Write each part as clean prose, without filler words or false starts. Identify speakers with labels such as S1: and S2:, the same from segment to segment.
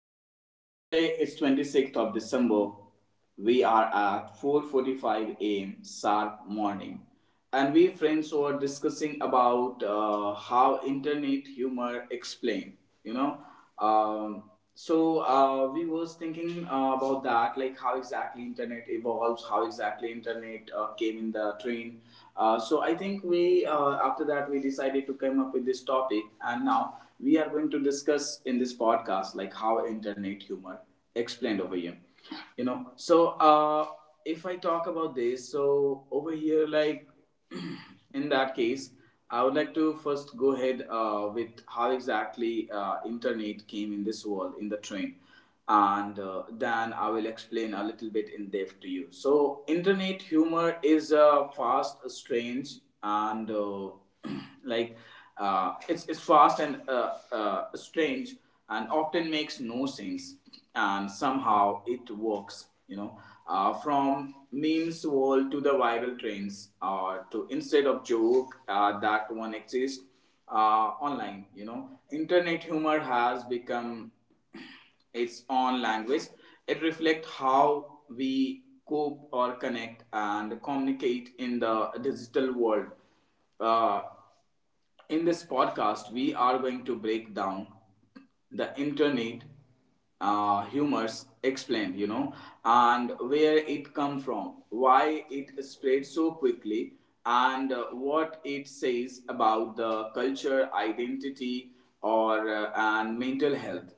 S1: ones. Today is 26th of December. We are at 4:45 a.m. sharp morning, and we friends were discussing about how internet humor explain. You know, we was thinking about that, like how exactly internet evolves, how exactly internet came in the train. So I think we after that we decided to come up with this topic, and now we are going to discuss in this podcast like how internet humor explained over here. You know, so uh, if I talk about this, so over here like in that case, I would like to first go ahead with how exactly internet came in this world in the train, and then I will explain a little bit in depth to you. So, internet humor is fast, strange, and like it's fast and strange, and often makes no sense, and somehow it works, you know, from memes world to the viral trends to instead of joke that one exists online. You know, internet humor has become its own language. It reflects how we cope or connect and communicate in the digital world. uh, in this podcast, we are going to break down the internet humors explained, you know, and where it come from, why it spread so quickly, and what it says about the culture, identity, or and mental health,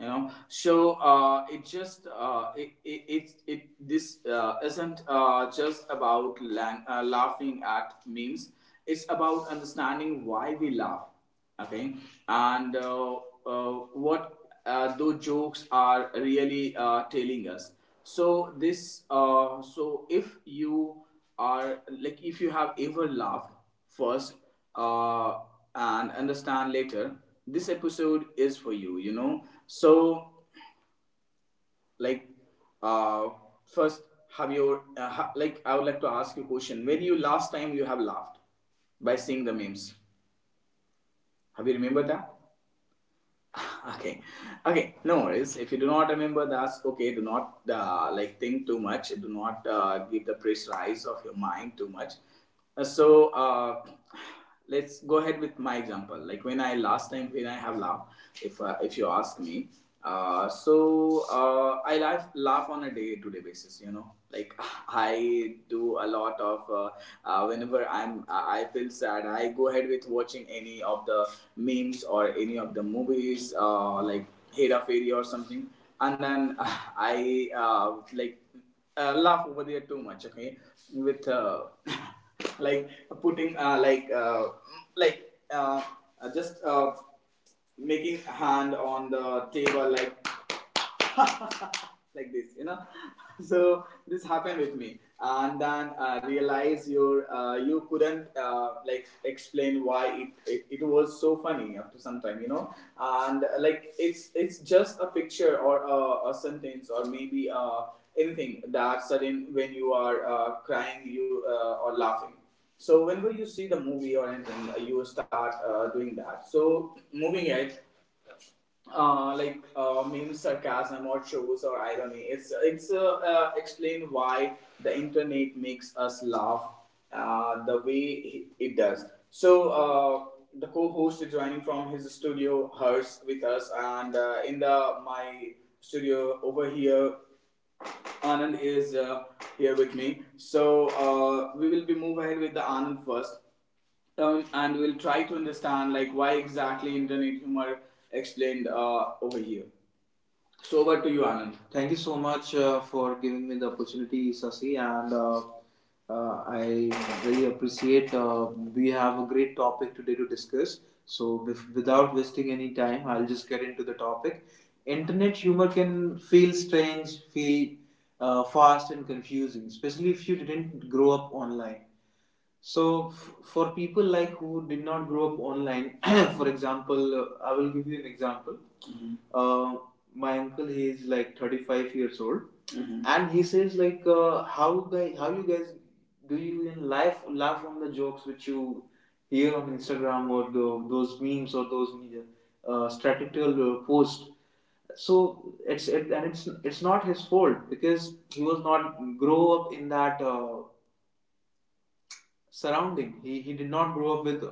S1: you know. So it just it, it, it it this isn't just about laughing at memes. It's about understanding why we laugh. Okay, and uh, what those jokes are really telling us. So this so if you are like if you have ever laughed first, uh, and understand later, this episode is for you, you know. So like uh, first, have your like I would like to ask you a question: when you last time you have laughed by seeing the memes, have you remembered that? Okay. Okay, no worries if you do not remember, that's okay. Do not like think too much. Do not give the pressurize of your mind too much. Uh, so uh, let's go ahead with my example, like when I last time when I have laughed, if you ask me, I laugh on a day to day basis. You know, like I do a lot of whenever I feel sad, I go ahead with watching any of the memes or any of the movies, like Hera Fairy or something, and then I like laugh over there too much. Okay, with like putting like uh, just. Making hand on the table, like like this, you know. So this happened with me, and then realize your you couldn't like explain why it was so funny after some time, you know. And like it's just a picture or a sentence or maybe anything that sudden when you are crying you or laughing. So whenever you see the movie or anything, you start doing that. So moving it, maybe sarcasm or shows or irony. It's explain why the internet makes us laugh the way it does. So the co-host is joining from his studio, hers with us, and in the my studio over here Anand is here with me. So we will be move ahead with the Anand first, and we'll try to understand like why exactly internet humor explained over here. So over to you, Anand. Thank you so much for giving me the opportunity, Sasi, and I really appreciate. We have a great topic today to discuss. So, if, without wasting any time, I'll just get into the topic. Internet humor can feel strange, feel fast and confusing, especially if you didn't grow up online. So, for people like who did not grow up online, for example, I will give you an example. Mhm. My uncle, he is like 35 years old, mhm, and he says like, how guys, how you guys do you even laugh on the jokes which you hear on Instagram or the, those memes or those strategical posts. So it's it, and it's not his fault because he was not grow up in that surrounding. He did not grow up with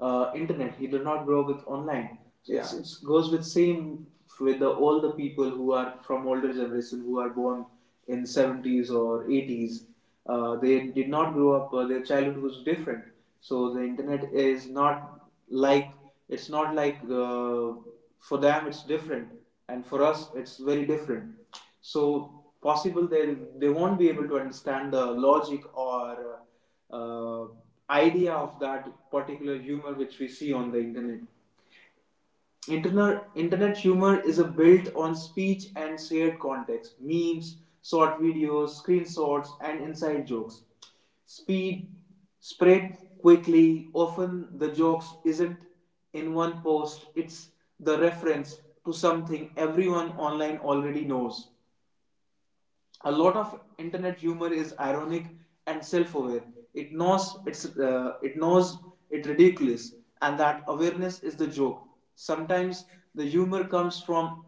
S1: internet. He did not grow up with online. It's, yeah, it goes with same with the, all the people who are from older generation who are born in seventies or eighties. They did not grow up. Their childhood was different. So the internet is not like it's not like uh, for them it's different, and for us it's very different. So possible they won't be able to understand the logic or uh, idea of that particular humor which we see on the internet. Internet humor is a built on speech and shared context, memes, short videos, screenshots, and inside jokes. Speed spread quickly. Often the jokes isn't in one post; it's the reference to something everyone online already knows. A lot of internet humor is ironic and self-aware. It knows it knows it ridiculous, and that awareness is the joke. Sometimes the humor comes from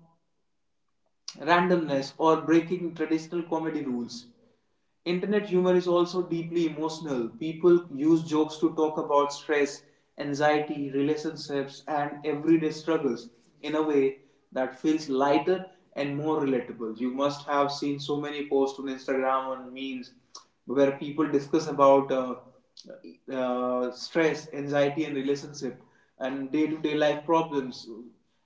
S1: randomness or breaking traditional comedy rules. Internet humor is also deeply emotional. People use jokes to talk about stress, anxiety, relationships, and everyday struggles in a way that feels lighter and more relatable. You must have seen so many posts on Instagram on memes where people discuss about stress, anxiety, and relationship and day to day life problems,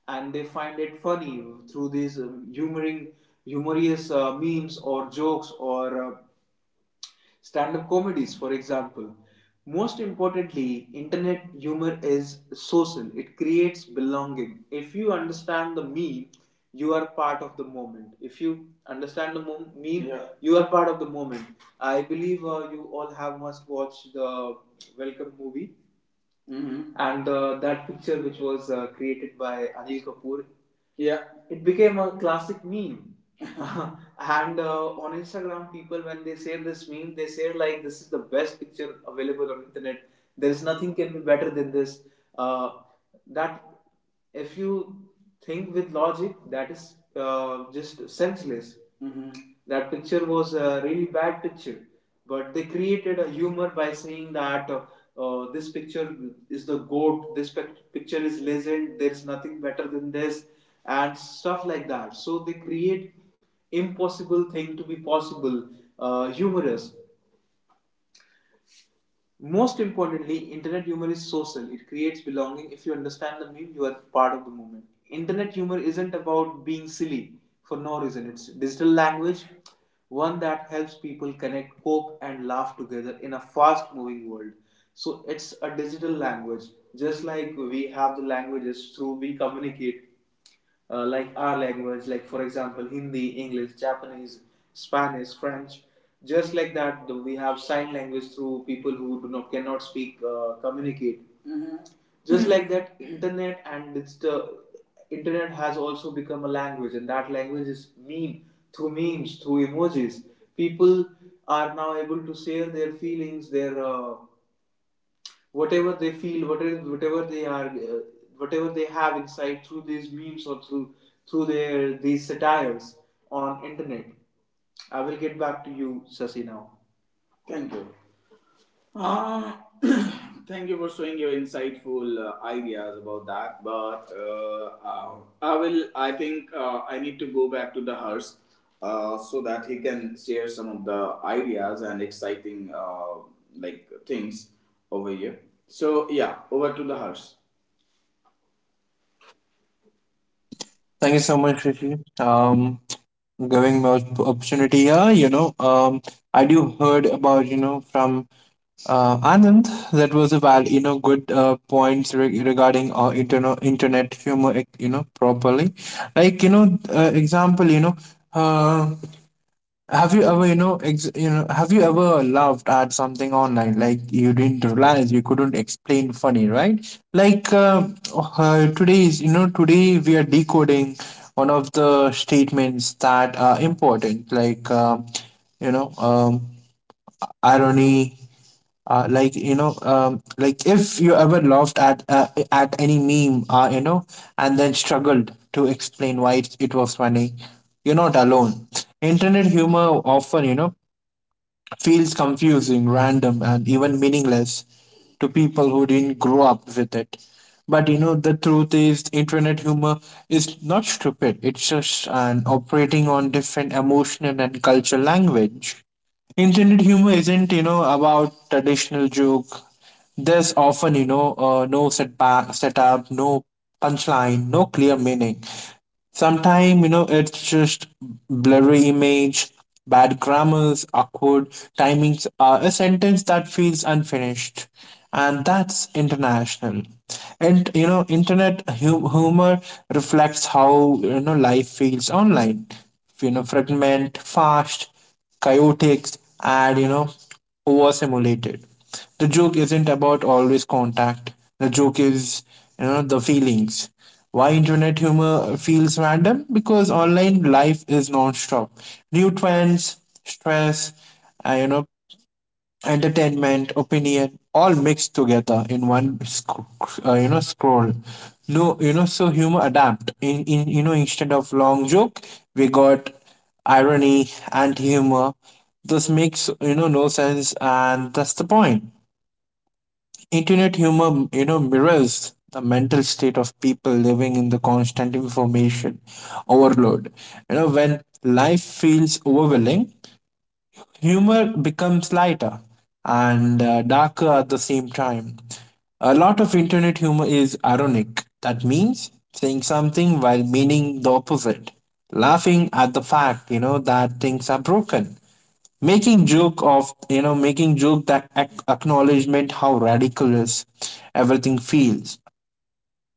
S1: and they find it funny through these humorous memes or jokes or stand up comedies, for example. Most importantly, internet humor is social, it creates belonging. If you understand the meme, you are part of the moment. If you understand the meme, yeah, you are part of the moment. I believe you all have must watch the Welcome movie, mm-hmm, and that picture which was created by Anil Kapoor, yeah, it became a classic meme. And on Instagram, people when they share this meme, they say like, "This is the best picture available on internet. There is nothing can be better than this." Uh, that if you think with logic, that is just senseless. Mm-hmm. That picture was a really bad picture but they created a humor by saying that this picture is the goat, this picture is legend, there's nothing better than this, and stuff like that. So they create impossible thing to be possible, humorous. Most importantly, internet humor is social. It creates belonging. If you understand the meme, you are part of the movement. Internet humor isn't about being silly for no reason. It's digital language, one that helps people connect, cope, and laugh together in a fast moving world. So it's a digital language. Just like we have the languages through we communicate, like our language, like for example, Hindi, English, Japanese, Spanish, French. Just like that, we have sign language through people who do not cannot speak, communicate. Mm-hmm. Just like that, internet and digital internet has also become a language, and that language is meme through memes, through emojis. People are now able to share their feelings, their whatever they feel, whatever they are, whatever they have inside through these memes or through their these satires on internet. I will get back to you, Sasi, now. Thank you. Uh, Thank you for showing your insightful ideas about that. But I will, I think I need to go back to the hearse so that he can share some of the ideas and exciting like things over here. So yeah, over to the hearse.
S2: Thank you so much, Rishi. Giving me opportunity here. I do heard about from Anand that was a val you know good points regarding internet humor. You know, properly, like you know, example. Uh, have you ever, have you ever laughed at something online like you didn't realize you couldn't explain funny, right? Like uh, Today we are decoding one of the statements that are important, you know, um, irony. Like if you ever laughed at any meme, and then struggled to explain why it was funny, you're not alone. Internet humor often, feels confusing, random, and even meaningless to people who didn't grow up with it. But you know, the truth is, internet humor is not stupid, it's just an operating on different emotional and cultural language. Internet humor isn't, you know, about traditional joke. There's often, no setup, no punchline, no clear meaning. Sometimes, it's just blurry image, bad grammars, awkward timings, a sentence that feels unfinished. And that's international. And, you know, internet humor reflects how, life feels online. You know, fragment, fast, chaotic, and overstimulated. The joke isn't about always contact. The joke is, you know, the feelings. Why internet humor feels random? Because online life is non-stop. New trends, stress, uh, you know, entertainment, opinion, all mixed together in one, scroll. No, you know, so humor adapt. Instead of long joke, we got irony and humor. This makes you know no sense, and that's the point. Internet humor, mirrors the mental state of people living in the constant information overload. You know, when life feels overwhelming, humor becomes lighter and darker at the same time. A lot of internet humor is ironic. That means saying something while meaning the opposite, laughing at the fact, that things are broken, making joke of you know making joke that acknowledgement how radical is everything feels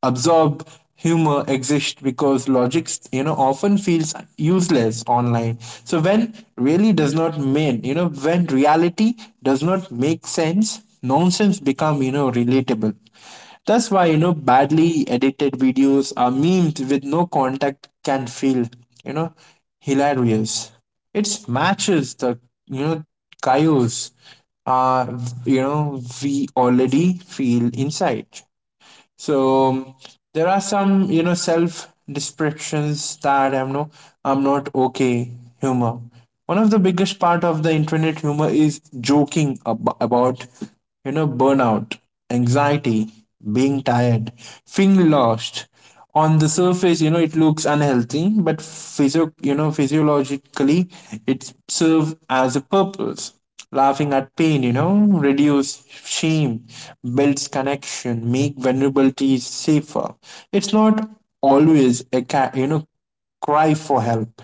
S2: absorbed. Humor exists because logic, you know, often feels useless online. So when reality does not make sense, nonsense become, you know, relatable. That's why, you know, badly edited videos are memed with no contact, can feel, you know, hilarious. It matches the, you know, chaos uh we already feel inside. So there are some, you know, self descriptions that I'm not okay. Humor, one of the biggest part of the internet humor, is joking about, you know, burnout, anxiety, being tired, feeling lost. On the surface, you know, it looks unhealthy, but physiologically it serves as a purpose. Laughing at pain, you know, reduce shame, builds connection, make vulnerability safer. It's not always a cry for help.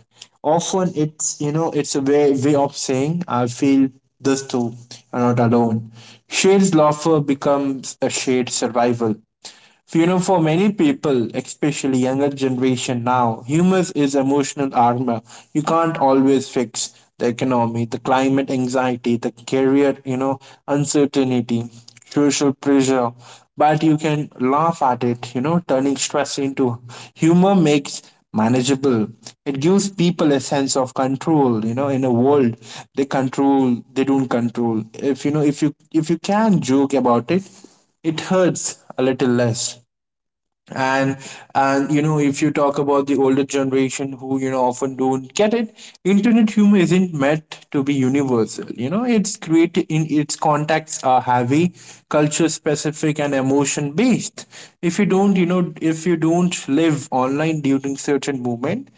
S2: Often it's, you know, it's a way of saying I feel this too, you're not alone. Shared laughter becomes a shared survival. So, you know, for many people, especially younger generation now, humor is emotional armor. You can't always fix the economy, the climate anxiety, the career, uncertainty, social pressure, but you can laugh at it, you know, turning stress into humor makes manageable. It gives people a sense of control, you know, in a world they don't control. If you know, if you If you can joke about it, it hurts a little less. And and you know, if you talk about the older generation who, you know, often don't get it, internet humor isn't meant to be universal. You know, it's created in its contexts are heavy, culture specific and emotion based. If you don't you know if you don't live online during certain moment,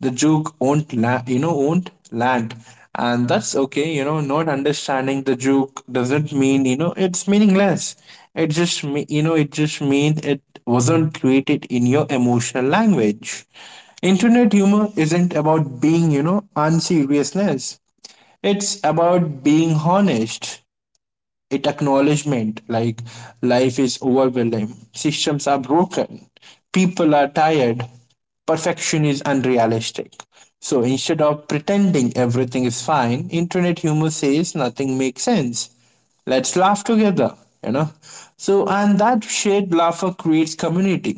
S2: the joke won't land. And that's okay. You know, not understanding the joke doesn't mean, you know, it's meaningless. It just it just mean it wasn't created in your emotional language. Internet humor isn't about being, you know, unseriousness. It's about being honest. It acknowledgement like life is overwhelming, systems are broken, people are tired, perfection is unrealistic. So instead of pretending everything is fine, internet humor says nothing makes sense, let's laugh together, you know. So and that shared laughter creates community.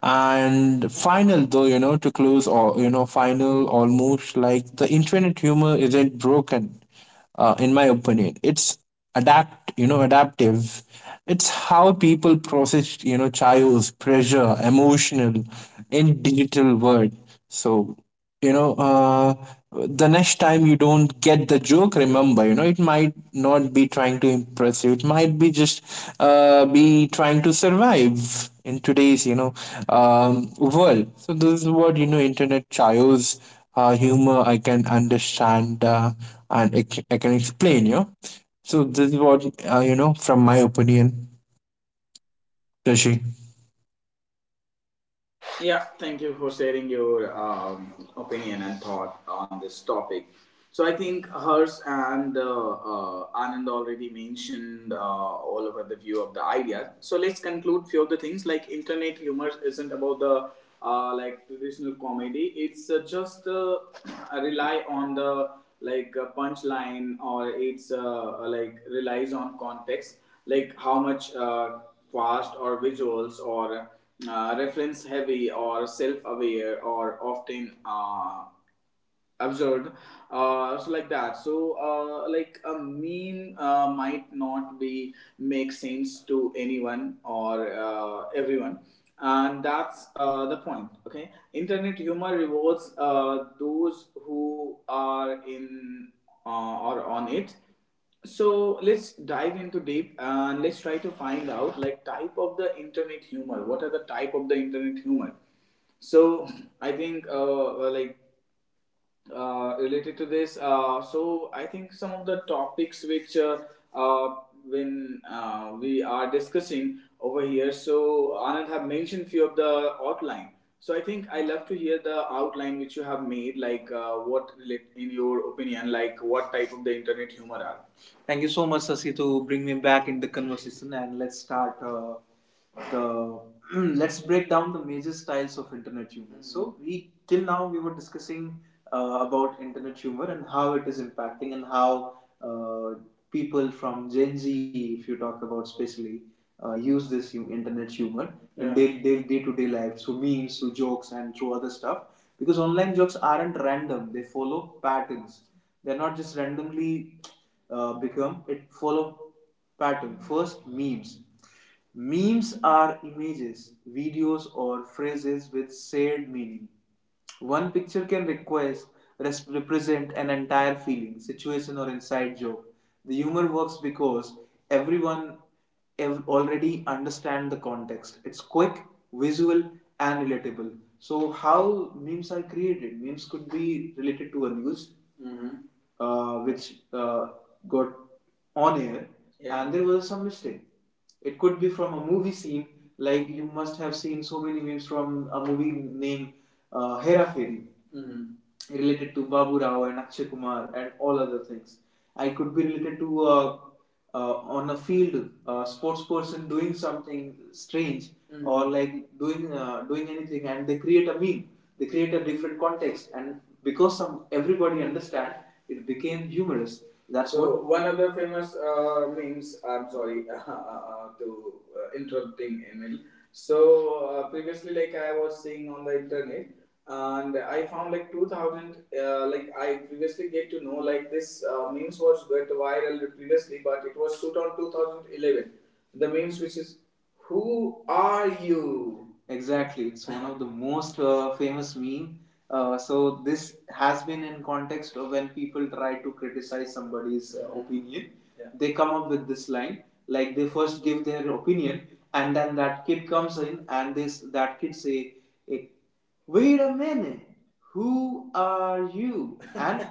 S2: And final though, you know, to close, or, you know, final almost like the internet humor isn't broken, in my opinion it's adaptive. It's how people process, you know, chaos, pressure, emotional in digital world. So, you know uh, the next time you don't get the joke, remember, you know, it might not be trying to impress you, it might be just be trying to survive in today's, world. So this is what, you know, internet chaos, humor I can understand, and I can explain, you know. So this is what, you know, from my opinion, Rishi.
S1: Yeah, thank you for sharing your opinion and thought on this topic. So I think hers and Anand already mentioned all over the view of the ideas. So let's conclude few of the things like internet humor isn't about the like traditional comedy. It's just rely on the punchline, or it's like relies on context, like how much fast, or visuals, or reference heavy, or self aware, or often absurd. So like that so Like a meme might not be make sense to anyone or everyone, and that's the point. Okay, internet humor rewards those who are in or on it. So let's dive into deep and let's try to find out like type of the internet humor, what are the type of the internet humor. So I think related to this, so I think some of the topics which uh, when we are discussing over here, so Anand have mentioned few of the outline. So I think I love to hear the outline which you have made, like what relate in your opinion, like what type of the internet humor are. Thank you so much, Sasi, to bring me back in the conversation, and let's start the let's break down the major styles of internet humor. Mm-hmm. So we till now we were discussing about internet humor and how it is impacting, and how uh, people from Gen Z, if you talk about especially, use this internet humor in, yeah, their day to day life through memes, through jokes, and through other stuff. Because online jokes aren't random; they follow patterns. They're not just randomly become. It follow pattern. First, memes. Memes are images, videos, or phrases with shared meaning. One picture can request represent an entire feeling, situation, or inside joke. The humor works because everyone already understand the context. It's quick, visual, and relatable. So, how memes are created? Memes could be related to a news, mhm, which got on air, yeah, and there was some mistake. It could be from a movie scene, like you must have seen so many memes from a movie named Hera Fairy, mm-hmm, related to Babu Rao and Akshay Kumar and all other things. I could be related to a on a field, a sports person doing something strange, mm-hmm, or like doing anything, and they create a meme. They create a different context, and because some everybody understand, it became humorous. That's So what one of the famous memes. I'm sorry to interrupting Emil. So previously, like I was seeing on the internet, and I found like 2000, like I previously get to know like this memes was went viral previously, but it was shoot on 2011, the memes which is who are you. Exactly, it's one of the most famous meme. So this has been in context of when people try to criticize somebody's opinion. Yeah. They come up with this line, like they first give their opinion, and then that kid comes in, and this that kid say, "Eh, wait a minute, who are you," and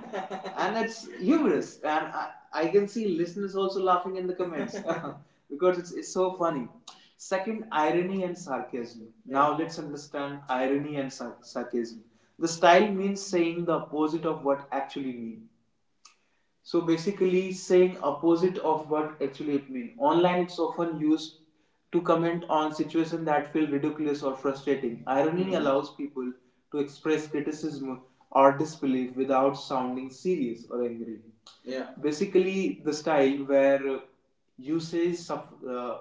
S1: and it's humorous, and I can see listeners also laughing in the comments because it's so funny. Second, irony and sarcasm. Yeah. Now let's understand irony and sarcasm. The style means saying the opposite of what actually means. So basically saying opposite of what actually it means. Online it's often used to comment on situations that feel ridiculous or frustrating. Irony, hmm, allows people to express criticism or disbelief without sounding serious or angry. Yeah. Basically the style where you say uh,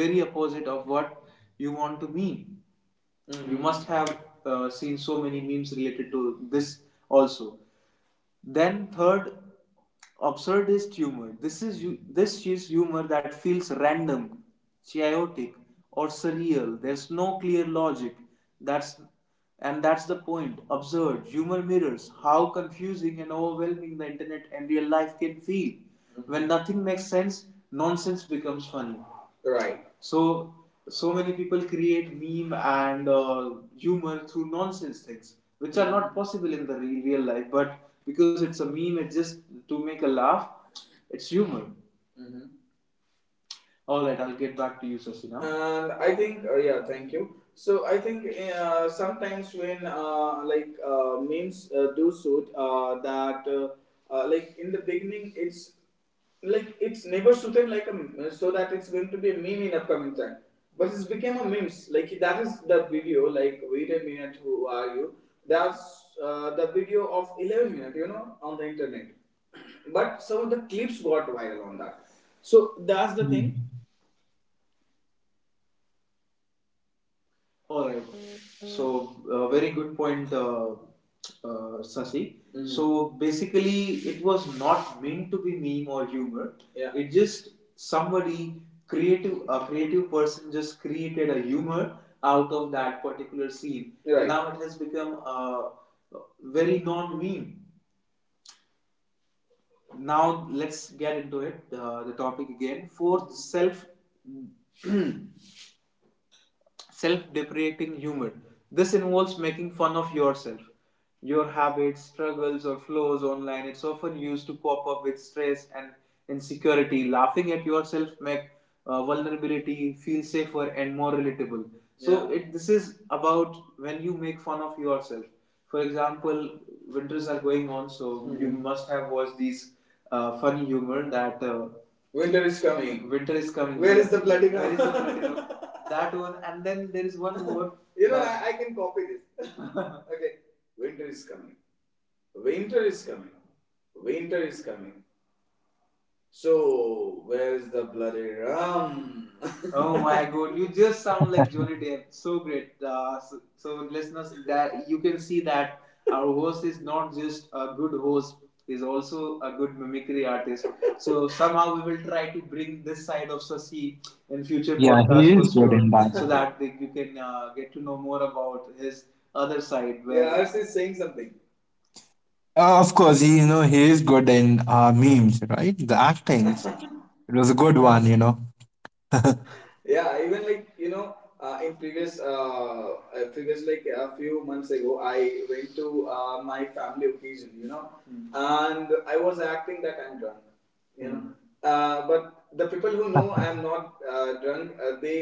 S1: very opposite of what you want to mean. Mm-hmm. You, mhm, must have seen so many memes related to this also. Then third, absurdist humor. This is humor that feels random, chaotic, or surreal. There's no clear logic. That's and that's the point. Absurd humor mirrors how confusing and overwhelming the internet and real life can feel. When nothing makes sense, nonsense becomes funny. Right. So so many people create meme and humor through nonsense things, which are not possible in the real, real life. But because it's a meme, it's just to make a laugh. It's humor. Mhm. All right, I'll get back to you, Sasina. And I think, yeah, thank you. So I think sometimes when memes do suit that like in the beginning it's like it's never suited like a so that it's going to be a meme in upcoming time, but it's became a memes, like that is the video like wait a minute who are you. That's the video of 11 minute you know on the internet, but some of the clips got viral on that. So that's the thing. All right. So, very good point, Sasi. Mm. So, basically, it was not meant to be meme or humor. Yeah. It just somebody creative, a creative person just created a humor out of that particular scene. Right. Now it has become a very non-meme. Now let's get into it. The topic again: fourth, self self deprecating humor. This involves making fun of yourself, your habits, struggles, or flaws online. It's often used to cope up with stress and insecurity. Laughing at yourself makes vulnerability feel safer and more relatable. So yeah, it this is about when you make fun of yourself. For example, winters are going on, so, mm-hmm, you, mhm, must have watched these funny humor that Winter is coming. Winter is coming. Where is the bloody room? That one, and then there is one more. You know, I can copy this. Okay. Winter is coming. Winter is coming. Winter is coming. So, where's the bloody rum? Oh my god, you just sound like Johnny Depp. So great. So, so listeners, that you can see that our host is not just a good host, he's also a good mimicry artist. So somehow we will try to bring this side of Sasi in future
S2: Yeah, he
S1: podcasts for
S2: is good in
S1: sure,
S2: that.
S1: so that you can get to know more about his other side. Where yeah, Arsh is saying something.
S2: Of course, he, you know, he is good in memes, right? The actings. It was a good one, you know.
S1: Yeah, even like you know in previous previous like a few months ago I went to my family occasion, you know, mm, and I was acting that I'm drunk, you know, mm, but the people who know I am not drunk, they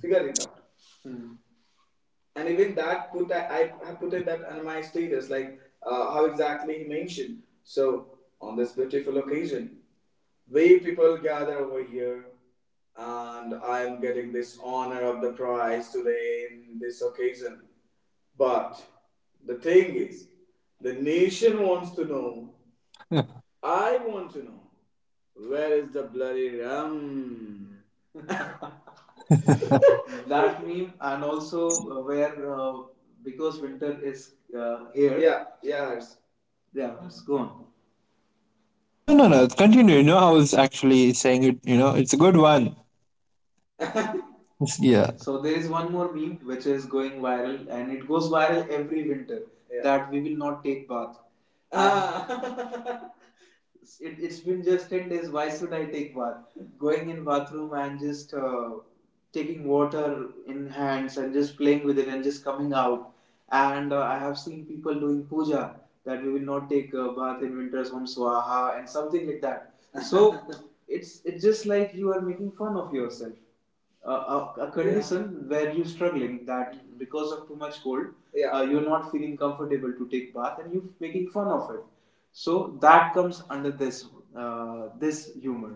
S1: figure it out, mm, and even that put have put it that on my status like how exactly he mentioned so on this beautiful occasion, way people gather over here, and I am getting this honor of the prize today in this occasion, but the thing is the nation wants to know,
S2: no,
S1: I want to know, where is the bloody rum. That meme, and also where because winter is here. Yeah, yeah it's gone.
S2: no, No. Continue. You know, I was actually saying it, you know, it's a good one. Yeah.
S1: So there is one more meme which is going viral, and it goes viral every winter. Yeah. That we will not take bath. Ah. It's been just 10 days, why should I take bath, going in bathroom and just taking water in hands and just playing with it and just coming out. And I have seen people doing puja that we will not take bath in winters on swaha and something like that. So it's just like you are making fun of yourself, a condition, yeah, where you're struggling that, mhm, because of too much cold, yeah, you're not feeling comfortable to take bath, and you're making fun of it. So that comes under this humor.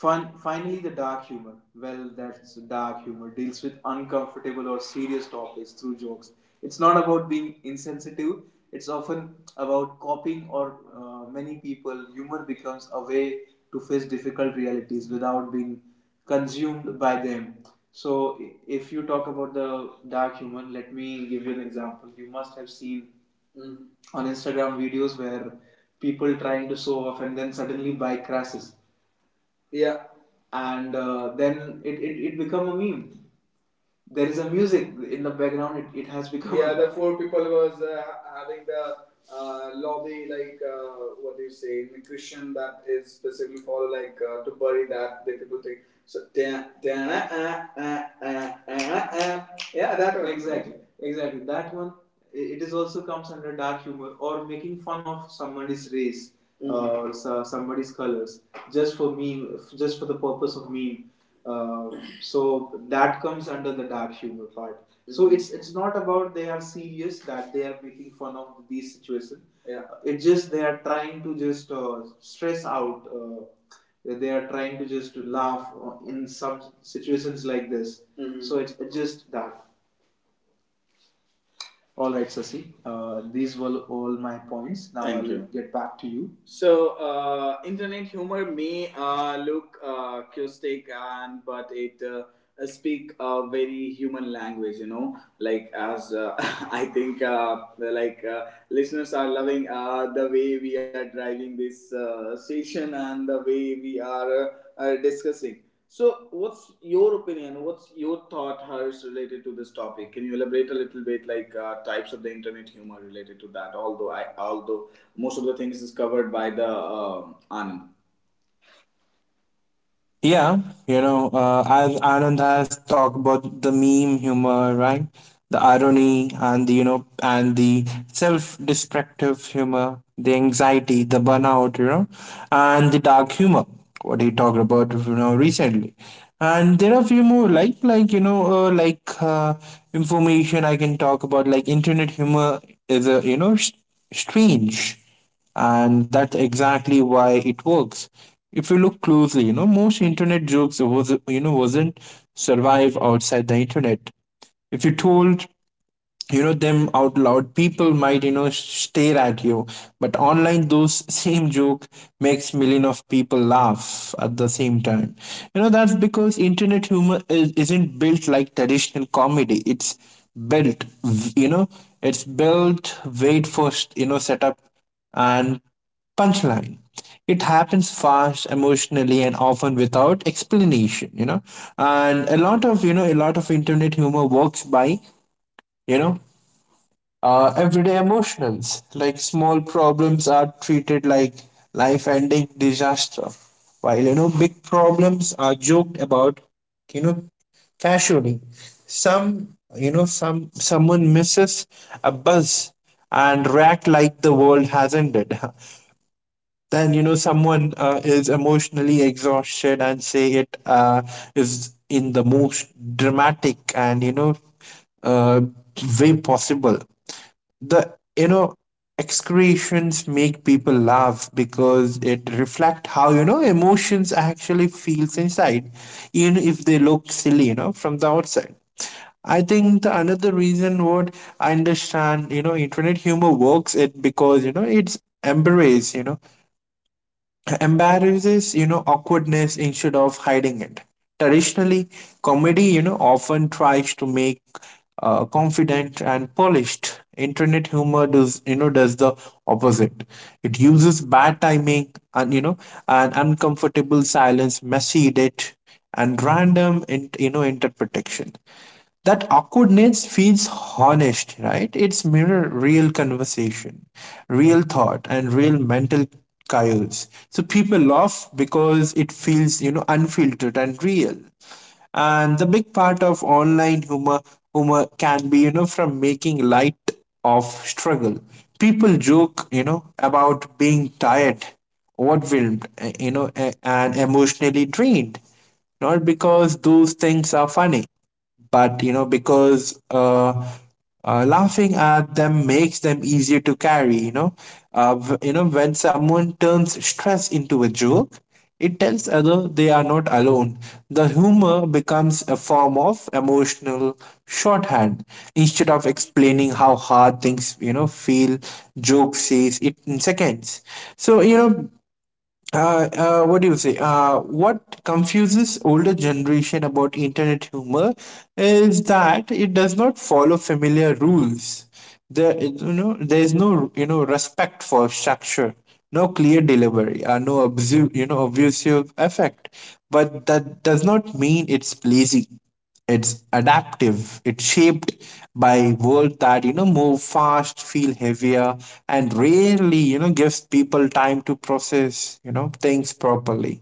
S1: Fun. Finally, the dark humor. Well, that's dark humor. Deals with uncomfortable or serious topics through jokes. It's not about being insensitive. It's often about copying or many people. Humor becomes a way to face difficult realities without being consumed by them. So, if you talk about the dark humor, let me give you an example. You must have seen, mm, on Instagram videos where people trying to show off and then suddenly buy crashes, yeah, and then it become a meme. There is a music in the background. It has become. Yeah, the four people was having the lobby like what do you say in Christian that is specifically for like to bury that the people think. So ah, ah, ah, ah, ah. Yeah, that one exactly, exactly that one. It is also comes under dark humor, or making fun of somebody's race, mhm, or somebody's colors, just for meme, just for the purpose of meme. uh, so that comes under the dark humor part. So it's not about they are serious that they are making fun of these situations. Yeah. It's just they are trying to just stress out. They are trying to just laugh in some situations like this. Mhm. So it's just that. All right, Sasi. These were all my points. Now Thank I will you. Get back to you. So, internet humor may look caustic, and but it speak a very human language. You know, like as I think, listeners are loving the way we are driving this session and the way we are discussing. So, what's your opinion? What's your thought, Hers, related to this topic? Can you elaborate a little bit, types of the internet humor related to that? Although, most of the things is covered by the Anand.
S2: Yeah, you know, as Anand has talked about the meme humor, right? The irony and the, self-destructive humor, the anxiety, the burnout, you know, and the dark humor, what he talked about, you know, recently. And there are a few more, information I can talk about, like internet humor is a, you know, strange, and that's exactly why it works. If you look closely, you know, most internet jokes was, wasn't survive outside the internet. If you told, you know, them out loud, people might, you know, stare at you, but online those same joke makes million of people laugh at the same time. You know, that's because internet humor isn't built like traditional comedy. It's built, you know, it's built wait first, you know, setup and punchline. It happens fast emotionally and often without explanation, you know. And a lot of internet humor works by, you know everyday emotionals. Like small problems are treated like life ending disaster, while, you know, big problems are joked about, you know, casually. Some Someone misses a bus and react like the world has ended. Then, you know, someone is emotionally exhausted and say it is in the most dramatic and, uh, way possible. The, you know, excretions make people laugh because it reflect how, you know, emotions actually feels inside, even if they look silly, you know, from the outside. I think the another reason what I understand, you know, internet humor works, it because, you know, it's embrace you know embarrasses, you know, awkwardness instead of hiding it. Traditionally comedy, you know, often tries to make confident and polished. Internet humor does, does the opposite. It uses bad timing and, uncomfortable silence, messy edit, and random you know, interpretation. That awkwardness feels honest, right? It's mirror real conversation, real thought, and real mental chaos. So people laugh because it feels, you know, unfiltered and real. And the big part of online humor can be, you know, from making light of struggle. People joke, you know, about being tired, overwhelmed, and emotionally drained, not because those things are funny, but, you know, because laughing at them makes them easier to carry, you know. When someone turns stress into a joke, it tells other they are not alone. The humor becomes a form of emotional shorthand. Instead of explaining how hard things, you know, feel, joke says it in seconds. So, what do you say? What confuses older generation about internet humor is that it does not follow familiar rules. There, you know, there is no, you know, respect for structure, no clear delivery, no obtrusive effect. But that does not mean it's lazy. It's adaptive, it's shaped by world that move fast, feel heavier, and rarely gives people time to process things properly.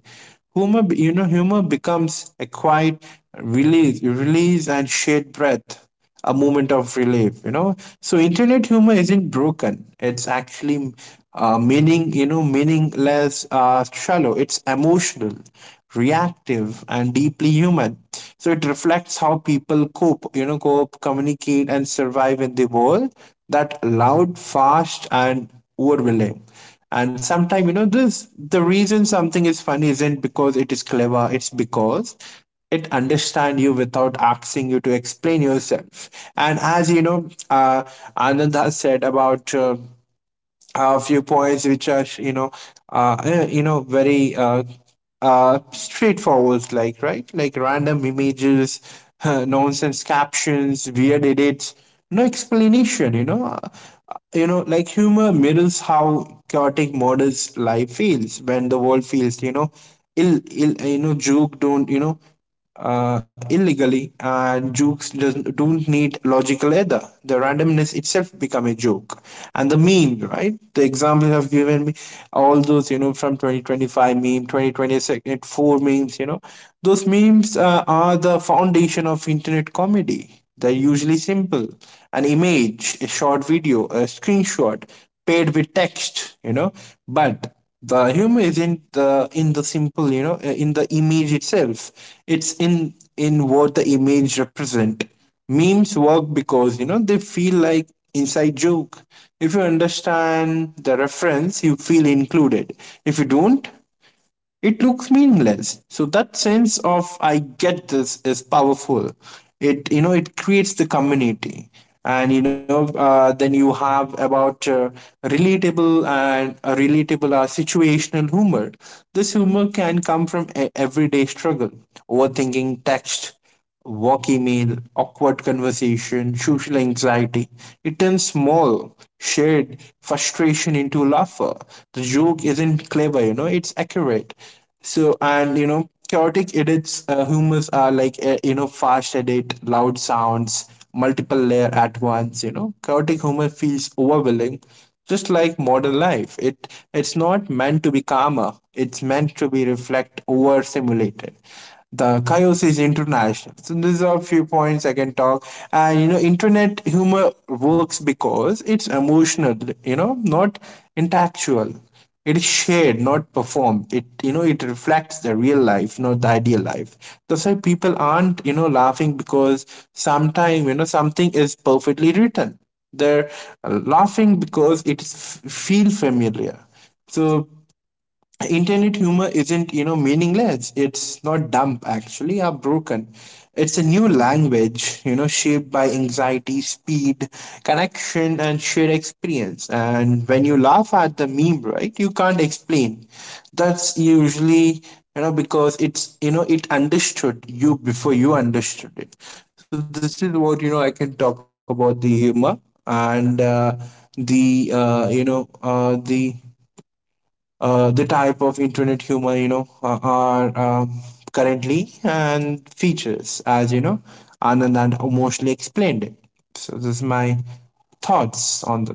S2: Humor you know humor becomes a quiet release and shared breath, a moment of relief. So internet humor isn't broken, it's actually meaningless, shallow. It's emotional, reactive, and deeply human. So it reflects how people cope you know cope, communicate, and survive in the world that loud, fast, and overwhelming. And sometimes, you know this the reason something is funny isn't because it is clever, it's because it understand you without asking you to explain yourself. And as you know, Anand has said about a few points which are very straightforward, like, right, like random images, nonsense captions, weird edits, no explanation, you know. Like humor mirrors how chaotic models life feels. When the world feels, you know, ill, you know, illegally, and jokes doesn't, don't need logical either. The randomness itself become a joke, and the meme, right? The examples have given me all those, you know, from 2025 meme, 2026 four memes, you know, those memes are the foundation of internet comedy. They're usually simple, an image, a short video, a screenshot paired with text, you know. But the humor isn't in the simple, in the image itself, it's in what the image represent. Memes work because, you know, they feel like inside joke. If you understand the reference, you feel included. If you don't, it looks meaningless. So that sense of I get this is powerful. It you know it creates the community. And you know, then you have about relatable situational humor. This humor can come from everyday struggle, overthinking text, work email, awkward conversation, social anxiety. It turns small, shared frustration into laughter. The joke isn't clever, you know, it's accurate. So, and you know, chaotic edits, humors are like, fast edit, loud sounds, multiple layer at once, you know. Chaotic humor feels overwhelming, just like modern life. It's not meant to be calmer, it's meant to be reflect over simulated. The chaos is international. So these are a few points I can talk. And you know, internet humor works because it's emotional, you know, not intellectual. It is shared, not performed. It you know it reflects the real life, not the ideal life. That's why people aren't, you know, laughing because sometimes, you know, something is perfectly written. They're laughing because it is feel familiar. So internet humor isn't, you know, meaningless, it's not dumb actually or broken. It's a new language, you know, shaped by anxiety, speed, connection, and shared experience. And when you laugh at the meme, right, you can't explain. That's usually, because it understood you before you understood it. So this is what, you know, I can talk about the humor. And the uh, you know uh, the the type of internet humor, are currently, and features as you know Anand and emotionally explained it. So this is my thoughts on this.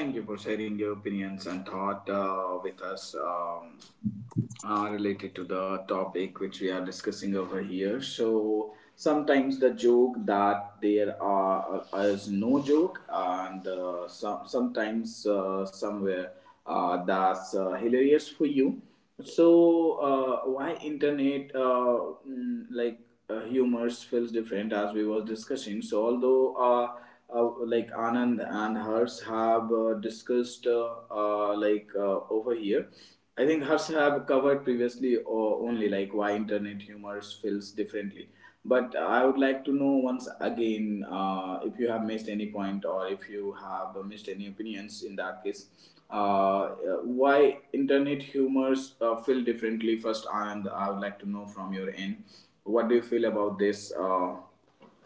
S1: Thank you for sharing your opinions and thought with us. Related to the topic which we are discussing over here. So sometimes the joke that there are is no joke, and sometimes somewhere that's hilarious for you. So why internet mm, like humors feels different as we was discussing. So although. Like Anand and Hers have discussed over here. I think Harsh have covered previously or only like why internet humor feels differently. But I would like to know once again if you have missed any point or if you have missed any opinions in that case. Uh, why internet humors feel differently? First, and I would like to know from your end. What do you feel about this?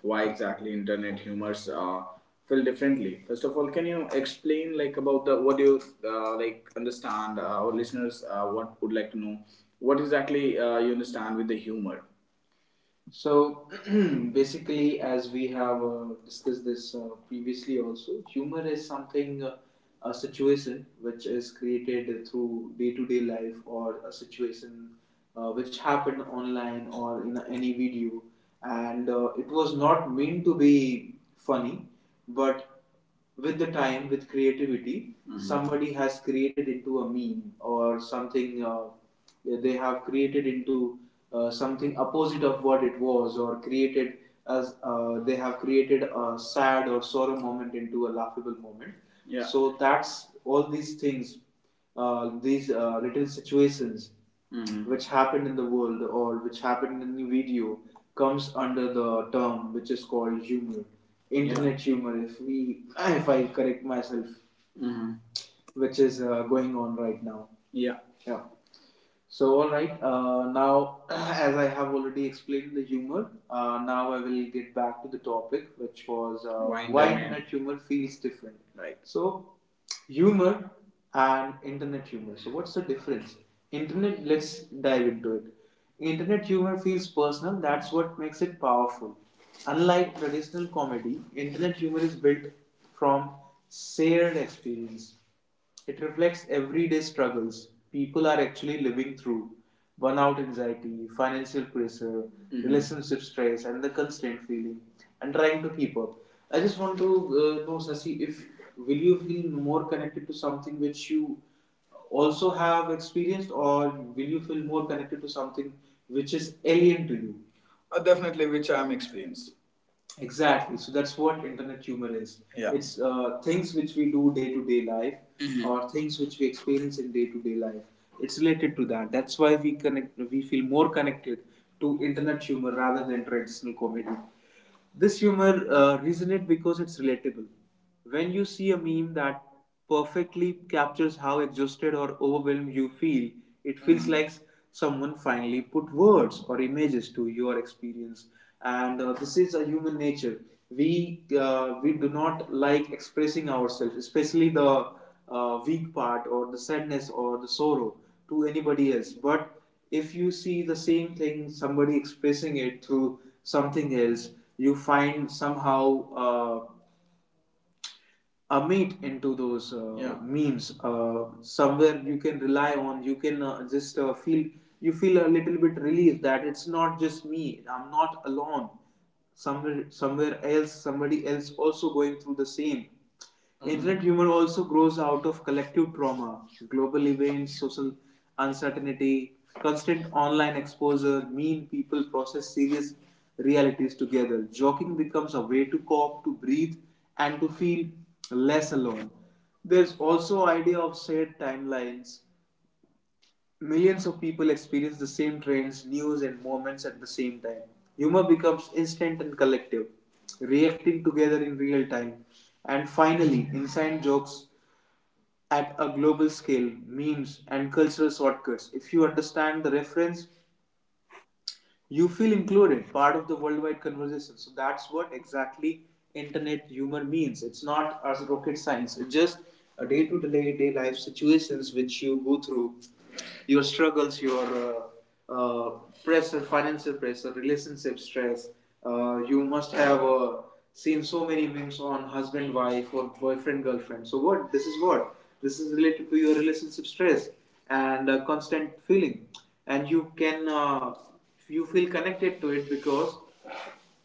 S1: Why exactly internet humors feel differently. First of all, can you explain like about the what you like understand our listeners what would like to know what exactly you understand with the humor? So basically, as we have discussed this previously, also humor is something a situation which is created through day-to-day life or a situation which happened online or in any video, and it was not meant to be funny, but with the time with creativity. Mhm. Somebody has created into a meme or something yeah, they have created into something opposite of what it was, or created as they have created a sad or sorrow moment into a laughable moment. Yeah. So that's all these things, these little situations. Mhm. Which happened in the world or which happened in the video, comes under the term which is called humor. Internet. Yeah. Humor, if we, if I correct myself. Mhm. Which is going on right now. Yeah. Yeah. So, all right. Now, as I have already explained the humor, now I will get back to the topic, which was Wine why internet humor feels different. Right. So, humor and internet humor. So, what's the difference? Internet. Let's dive into it. Internet humor feels personal. That's what makes it powerful. Unlike traditional comedy, internet humor is built from shared experience. It reflects everyday struggles people are actually living through: burnout, anxiety, financial pressure, Mhm. relationship stress, and the constant feeling and trying to keep up. I just want to know, Sasi, if will you feel more connected to something which you also have experienced, or will you feel more connected to something which is alien to you? Definitely, which I am experienced. Exactly. So that's what internet humor is. Yeah. It's things which we do day to day life. Mhm. Or things which we experience in day to day life. It's related to that. That's why we connect. We feel more connected to internet humor rather than traditional comedy. This humor resonates because it's relatable. When you see a meme that perfectly captures how exhausted or overwhelmed you feel, it feels, Mhm. like someone finally put words or images to your experience. And this is a human nature. We we do not like expressing ourselves, especially the weak part or the sadness or the sorrow to anybody else. But if you see the same thing, somebody expressing it through something else, you find somehow uh, a meat into those Yeah. memes, somewhere you can rely on, you can just feel, you feel a little bit relieved that it's not just me, I'm not alone, somewhere else, somebody else also going through the same. Mm-hmm. Internet humor also grows out of collective trauma: global events, social uncertainty, constant online exposure mean people process serious realities together. Joking becomes a way to cope, to breathe, and to feel less alone. There's also idea of shared timelines. Millions of people experience the same trends, news and moments at the same time. Humor becomes instant and collective, reacting together in real time. And finally, inside jokes at a global scale, memes and cultural shortcuts. If you understand the reference, you feel included, part of the worldwide conversation. So that's what exactly internet humor means. It's not as rocket science, it's just a day to day life situations which you go through: your struggles, your pressure, financial pressure, relationship stress. You must have seen so many memes on husband wife or boyfriend girlfriend. So what this is, what this is related to, your relationship stress. And constant feeling. And you can you feel connected to it, because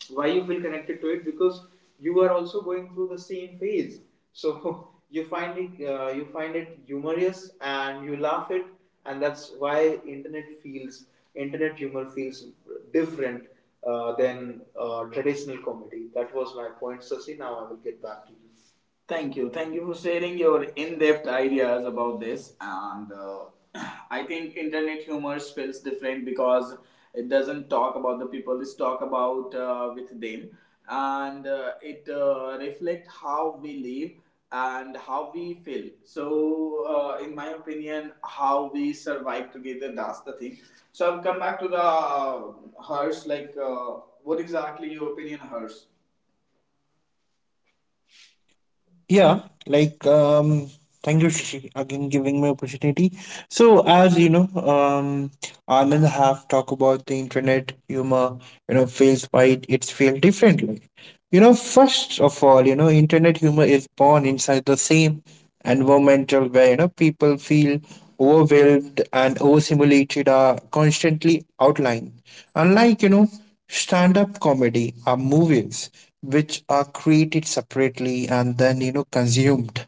S1: why you feel connected to it, because you are also going through the same phase. So you find it humorous and you laugh it. And that's why internet feels internet humor feels different than traditional comedy. That was my point, Sasi. Now I will get back to you. Thank you. Thank you for sharing your in-depth ideas about this. And I think internet humor feels different because it doesn't talk about the people. It's talk about with them, and it reflect how we live and how we feel. So, in my opinion, how we survive together. That's the thing. So I'll come back to the hers. Like, what exactly your opinion, hers?
S2: Yeah, like um thank you, Shishi, again giving me opportunity. So, as you know, Anand have talked about the internet humor, you know, feels why it's feel differently. You know, first of all, you know, internet humor is born inside the same environmental where, you know, people feel overwhelmed and overstimulated are constantly outlined. Unlike, you know, stand-up comedy or movies, which are created separately and then, you know, consumed.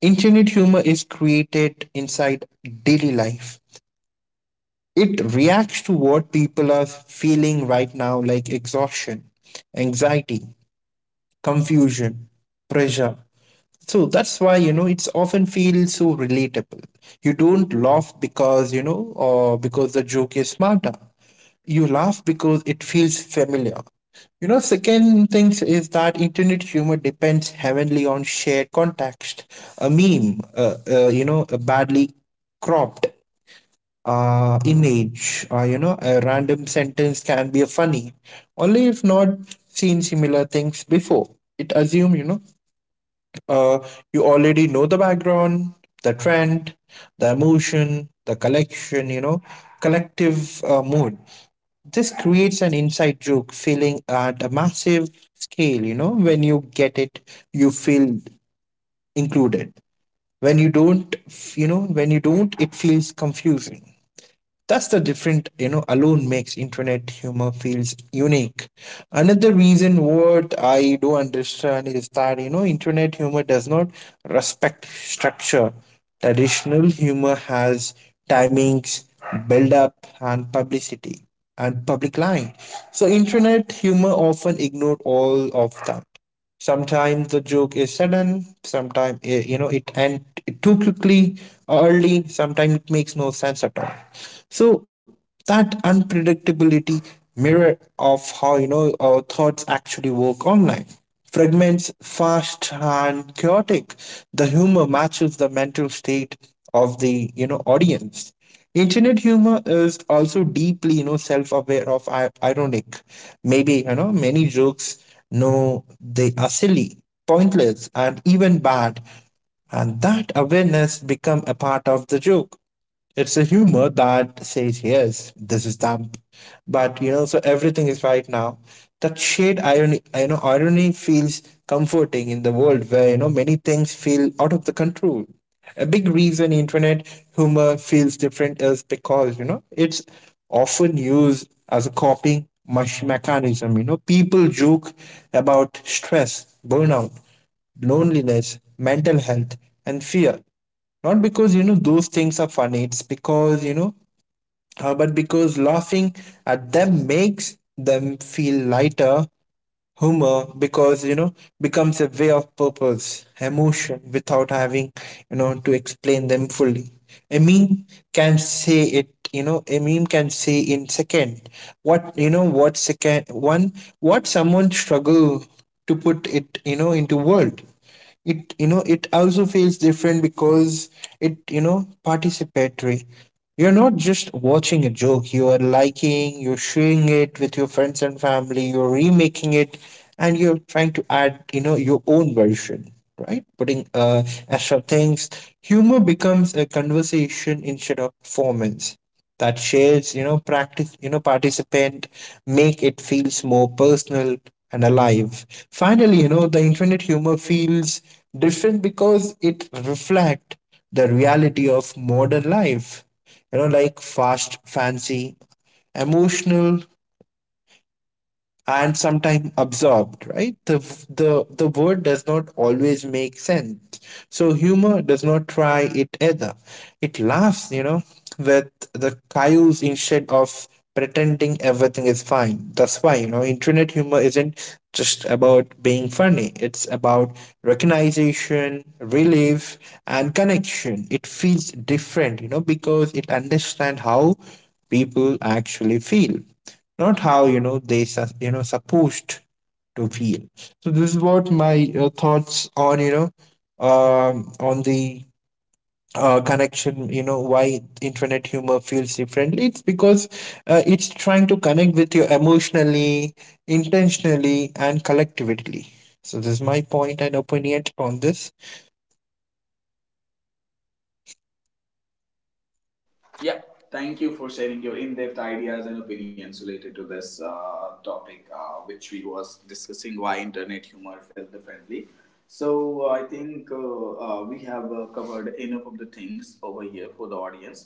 S2: Internet humor is created inside daily life. It reacts to what people are feeling right now, like exhaustion, anxiety, confusion, pressure. So that's why, you know, it's often feels so relatable. You don't laugh because you know or because the joke is smarter. You laugh because it feels familiar. You know, second thing is that internet humor depends heavily on shared context. A meme, you know, a badly cropped image, or you know, a random sentence can be funny only if not seen similar things before. It assume, you know, uh, you already know the background, the trend, the emotion, the collection you know collective mood. This creates an inside joke feeling at a massive scale, you know. When you get it, you feel included. When you don't, it feels confusing. That's the different, you know, alone makes internet humor feels unique. Another reason what I do understand is that, you know, internet humor does not respect structure. Traditional humor has timings, build up, and publicity and public line. So internet humor often ignored all of that. Sometimes the joke is sudden, sometimes you know, it and too quickly or early. Sometimes it makes no sense at all. So that unpredictability mirror of how, you know, our thoughts actually work online, fragments fast and chaotic. The humor matches the mental state of the, you know, audience. Internet humor is also deeply, you know, self-aware of ironic. Maybe, you know, many jokes know they are silly, pointless, and even bad, and that awareness become a part of the joke. It's a humor that says, yes, this is them. But, you know, so everything is right now. That shade irony feels comforting in the world where, you know, many things feel out of the control. A big reason internet humor feels different is because, you know, it's often used as a coping mechanism. You know, people joke about stress, burnout, loneliness, mental health, and fear, not because, you know, those things are funny. It's because but because laughing at them makes them feel lighter. Humor because, you know, becomes a way of purpose emotion without having, you know, to explain them fully. A meme can say it, you know, a meme can say in second what, you know what second one what someone struggle to put it, you know, into word. It you know it also feels different because it participatory. You're not just watching a joke, you are liking, you're sharing it with your friends and family, you're remaking it, and you're trying to add, you know, your own version, right, putting extra things. Humor becomes a conversation instead of performance. That shares, you know, practice, you know, participant make it feels more personal and alive. Finally, you know, the infinite humor feels different because it reflect the reality of modern life. You know, like fast, fancy, emotional, and sometimes absorbed, right. The word does not always make sense, so humor does not try it either. It laughs, you know, with the chaos instead of pretending everything is fine. That's why, you know, internet humor isn't just about being funny, it's about recognition, relief, and connection. It feels different, you know, because it understands how people actually feel, not how, you know, they you know, supposed to feel. So this is what my thoughts on, you know, on the connection, you know, why internet humor feels differently. It's because it's trying to connect with you emotionally, intentionally, and collectively. So this is my point and opinion on this.
S1: Yeah, thank you for sharing your in-depth ideas and opinions related to this topic, which we was discussing, why internet humor felt differently. So I think we have covered enough of the things over here for the audience.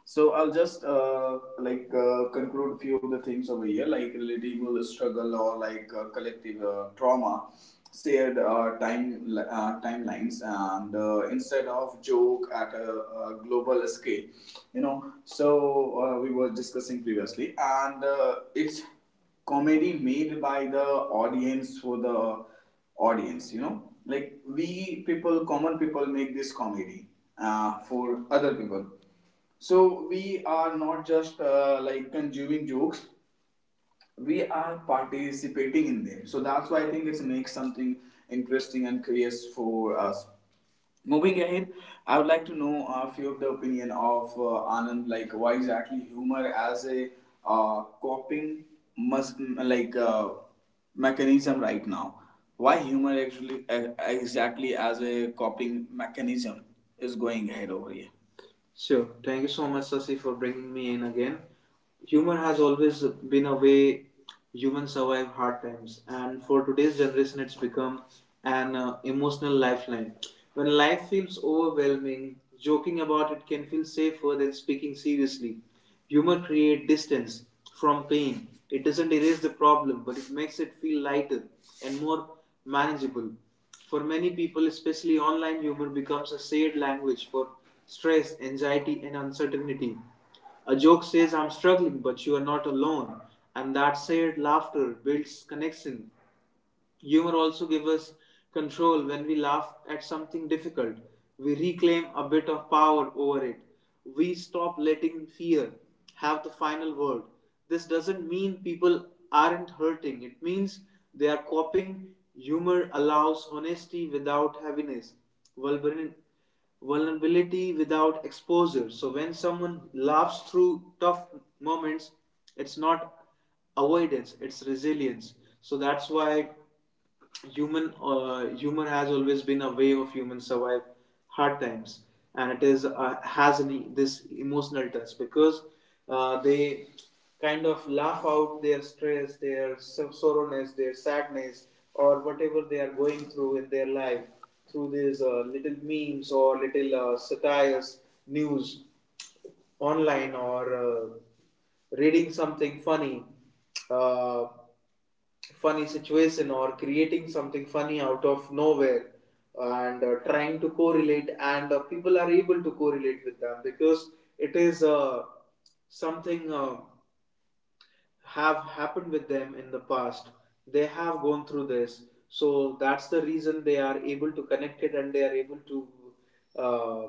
S1: So I'll just conclude few of the things over here, like relatable struggle, or like collective trauma, shared timelines, and instead of joke at a global scale, you know. So we were discussing previously and it's comedy made by the audience for the audience. You know, like we people, common people make this comedy for other people. So we are not just like consuming jokes, we are participating in them. So that's why I think it makes something interesting and curious for us. Moving ahead, I would like to know a few of the opinion of Anand, like why exactly humor as a coping must mechanism right now. Why humor actually exactly as a coping mechanism is going ahead over here? Sure. Thank you so much, Sasi, for bringing me in again. Humor has always been a way humans survive hard times, and for today's generation, it's become an emotional lifeline. When life feels overwhelming, joking about it can feel safer than speaking seriously. Humor creates distance from pain. It doesn't erase the problem, but it makes it feel lighter and more manageable. For many people, especially online, humor becomes a shared language for stress, anxiety, and uncertainty. A joke says, I'm struggling, but you are not alone. And that shared laughter builds connection. Humor also gives us control. When we laugh at something difficult, we reclaim a bit of power over it. We stop letting fear have the final word. This doesn't mean people aren't hurting, it means they are coping. Humor allows honesty without heaviness, vulner- vulnerability without exposure. So when someone laughs through tough moments, it's not avoidance, it's resilience. So that's why human humor has always been a way of humans survive hard times. And it is has this emotional touch because they kind of laugh out their stress, their sorrowness, their sadness, or whatever they are going through in their life, through these little memes or little satires, news online, or reading something funny, uh, funny situation, or creating something funny out of nowhere and trying to correlate, and people are able to correlate with them because it is something. Have happened with them in the past, they have gone through this, so that's the reason they are able to connect it and they are able to uh,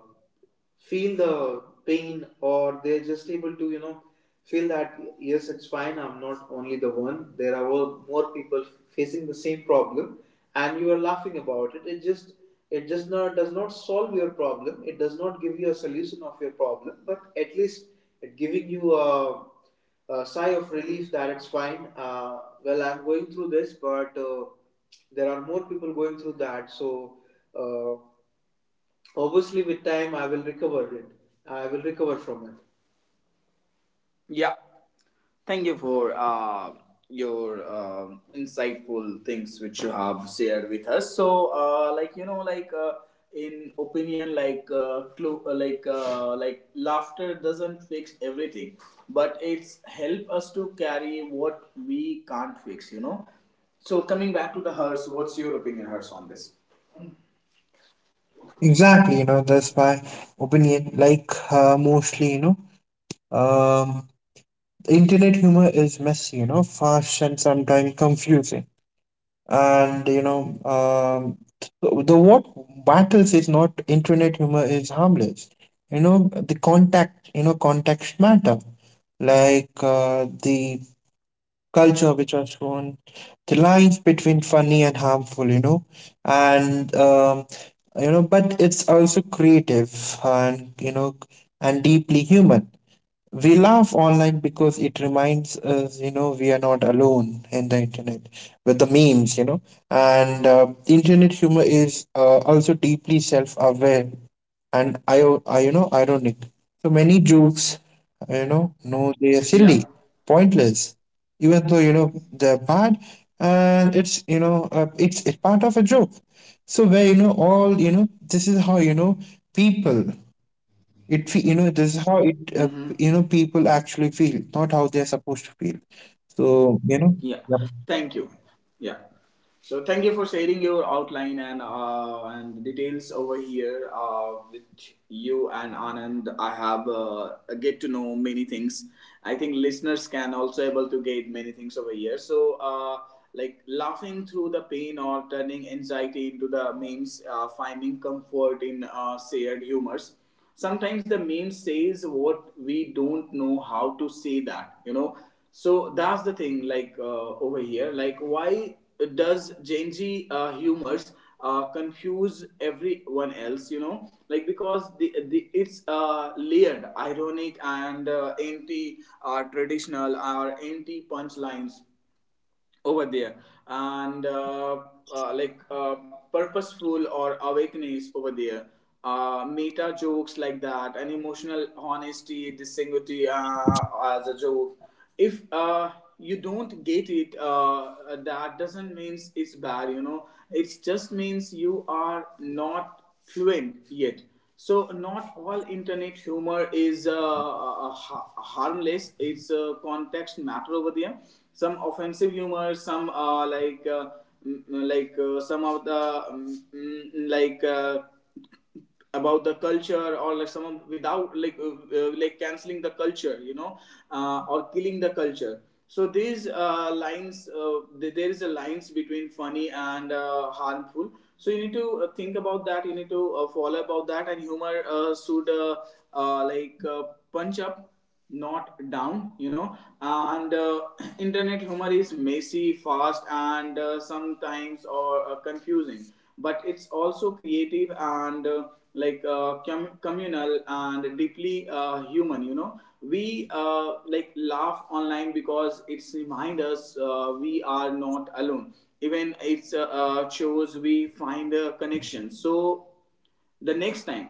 S1: feel the pain, or they're just able to feel that, yes, it's fine, I'm not only the one, there are more people facing the same problem, and you are laughing about it. It just— it does not solve your problem, it does not give you a solution of your problem, but at least it giving you a sigh of relief that it's fine. Well, I'm going through this, but there are more people going through that. So uh, obviously with time I will recover it, I will recover from it. Yeah. Thank you for your insightful things which you have shared with us. So, uh, like you know, like uh, in opinion, laughter doesn't fix everything, but it's help us to carry what we can't fix. You know. So coming back to the hers, what's your opinion, hers on this?
S2: Exactly, you know, that's my opinion. Like, mostly, you know, um internet humor is messy, you know, fast and sometimes confusing. And you know, the what matters is not internet humor is harmless. You know, the contact, you know, context matter, like the culture which was shown, the lines between funny and harmful. You know, and you know, but it's also creative and you know, and deeply human. We laugh online because it reminds us, you know, we are not alone in the internet with the memes, you know. And internet humor is also deeply self-aware and you know, ironic. So many jokes, you know, no, they are
S1: Yeah.
S2: silly, pointless, even though you know they're bad, and it's part of a joke. So where you know all you know, this is how, people it fe- you know this is how it
S1: Mm-hmm.
S2: you know, people actually feel, not how they're supposed to feel. So you know,
S1: Yeah,
S2: yeah.
S1: thank you. Yeah. So thank you for sharing your outline and details over here. With you and Anand, I have get to know many things. I think listeners can also able to get many things over here. So like laughing through the pain or turning anxiety into the memes, finding comfort in shared humors, sometimes the meme says what we don't know how to say, that you know. So that's the thing, over here, like why does gen z humors confuse everyone else, you know, like because the it's layered, ironic, and anti traditional or anti punchlines over there, and uh, like uh, purposeful or awakenings over there, meta jokes like that, and emotional honesty distinguity as a joke. If you don't get it, that doesn't means it's bad, you know, it just means you are not fluent yet. So not all internet humor is harmless. It's a context matter over there. Some offensive humor, some some of the about the culture, or like someone without canceling the culture, you know, or killing the culture. So these lines, there is a lines between funny and harmful. So you need to think about that, you need to follow about that, and humor should uh, like uh, punch up, not down, you know. And internet humor is messy, fast, and sometimes or confusing, but it's also creative and communal and deeply human, you know. We uh, laugh online because it's remind us we are not alone, even it's shows we find a connection. So the next time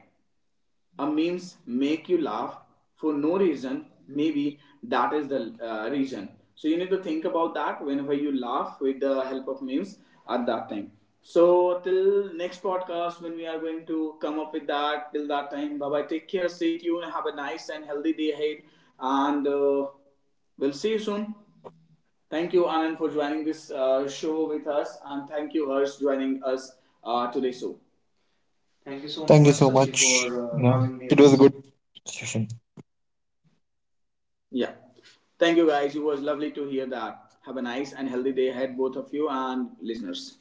S1: a memes make you laugh for no reason, maybe that is the reason. So you need to think about that whenever you laugh with the help of memes, at that time. So till next podcast, when we are going to come up with that, till that time, bye bye, take care, stay tuned, have a nice and healthy day ahead, and we'll see you soon. Thank you, Anand, for joining this show with us, and thank you, Harsh, joining us today. So, thank you so
S2: Thank
S1: much,
S2: you so
S1: Sasi, for
S2: much. You know,
S1: having me on
S2: it was a
S1: this.
S2: good session.
S1: Yeah. Thank you guys. It was lovely to hear that. Have a nice and healthy day ahead, both of you and listeners.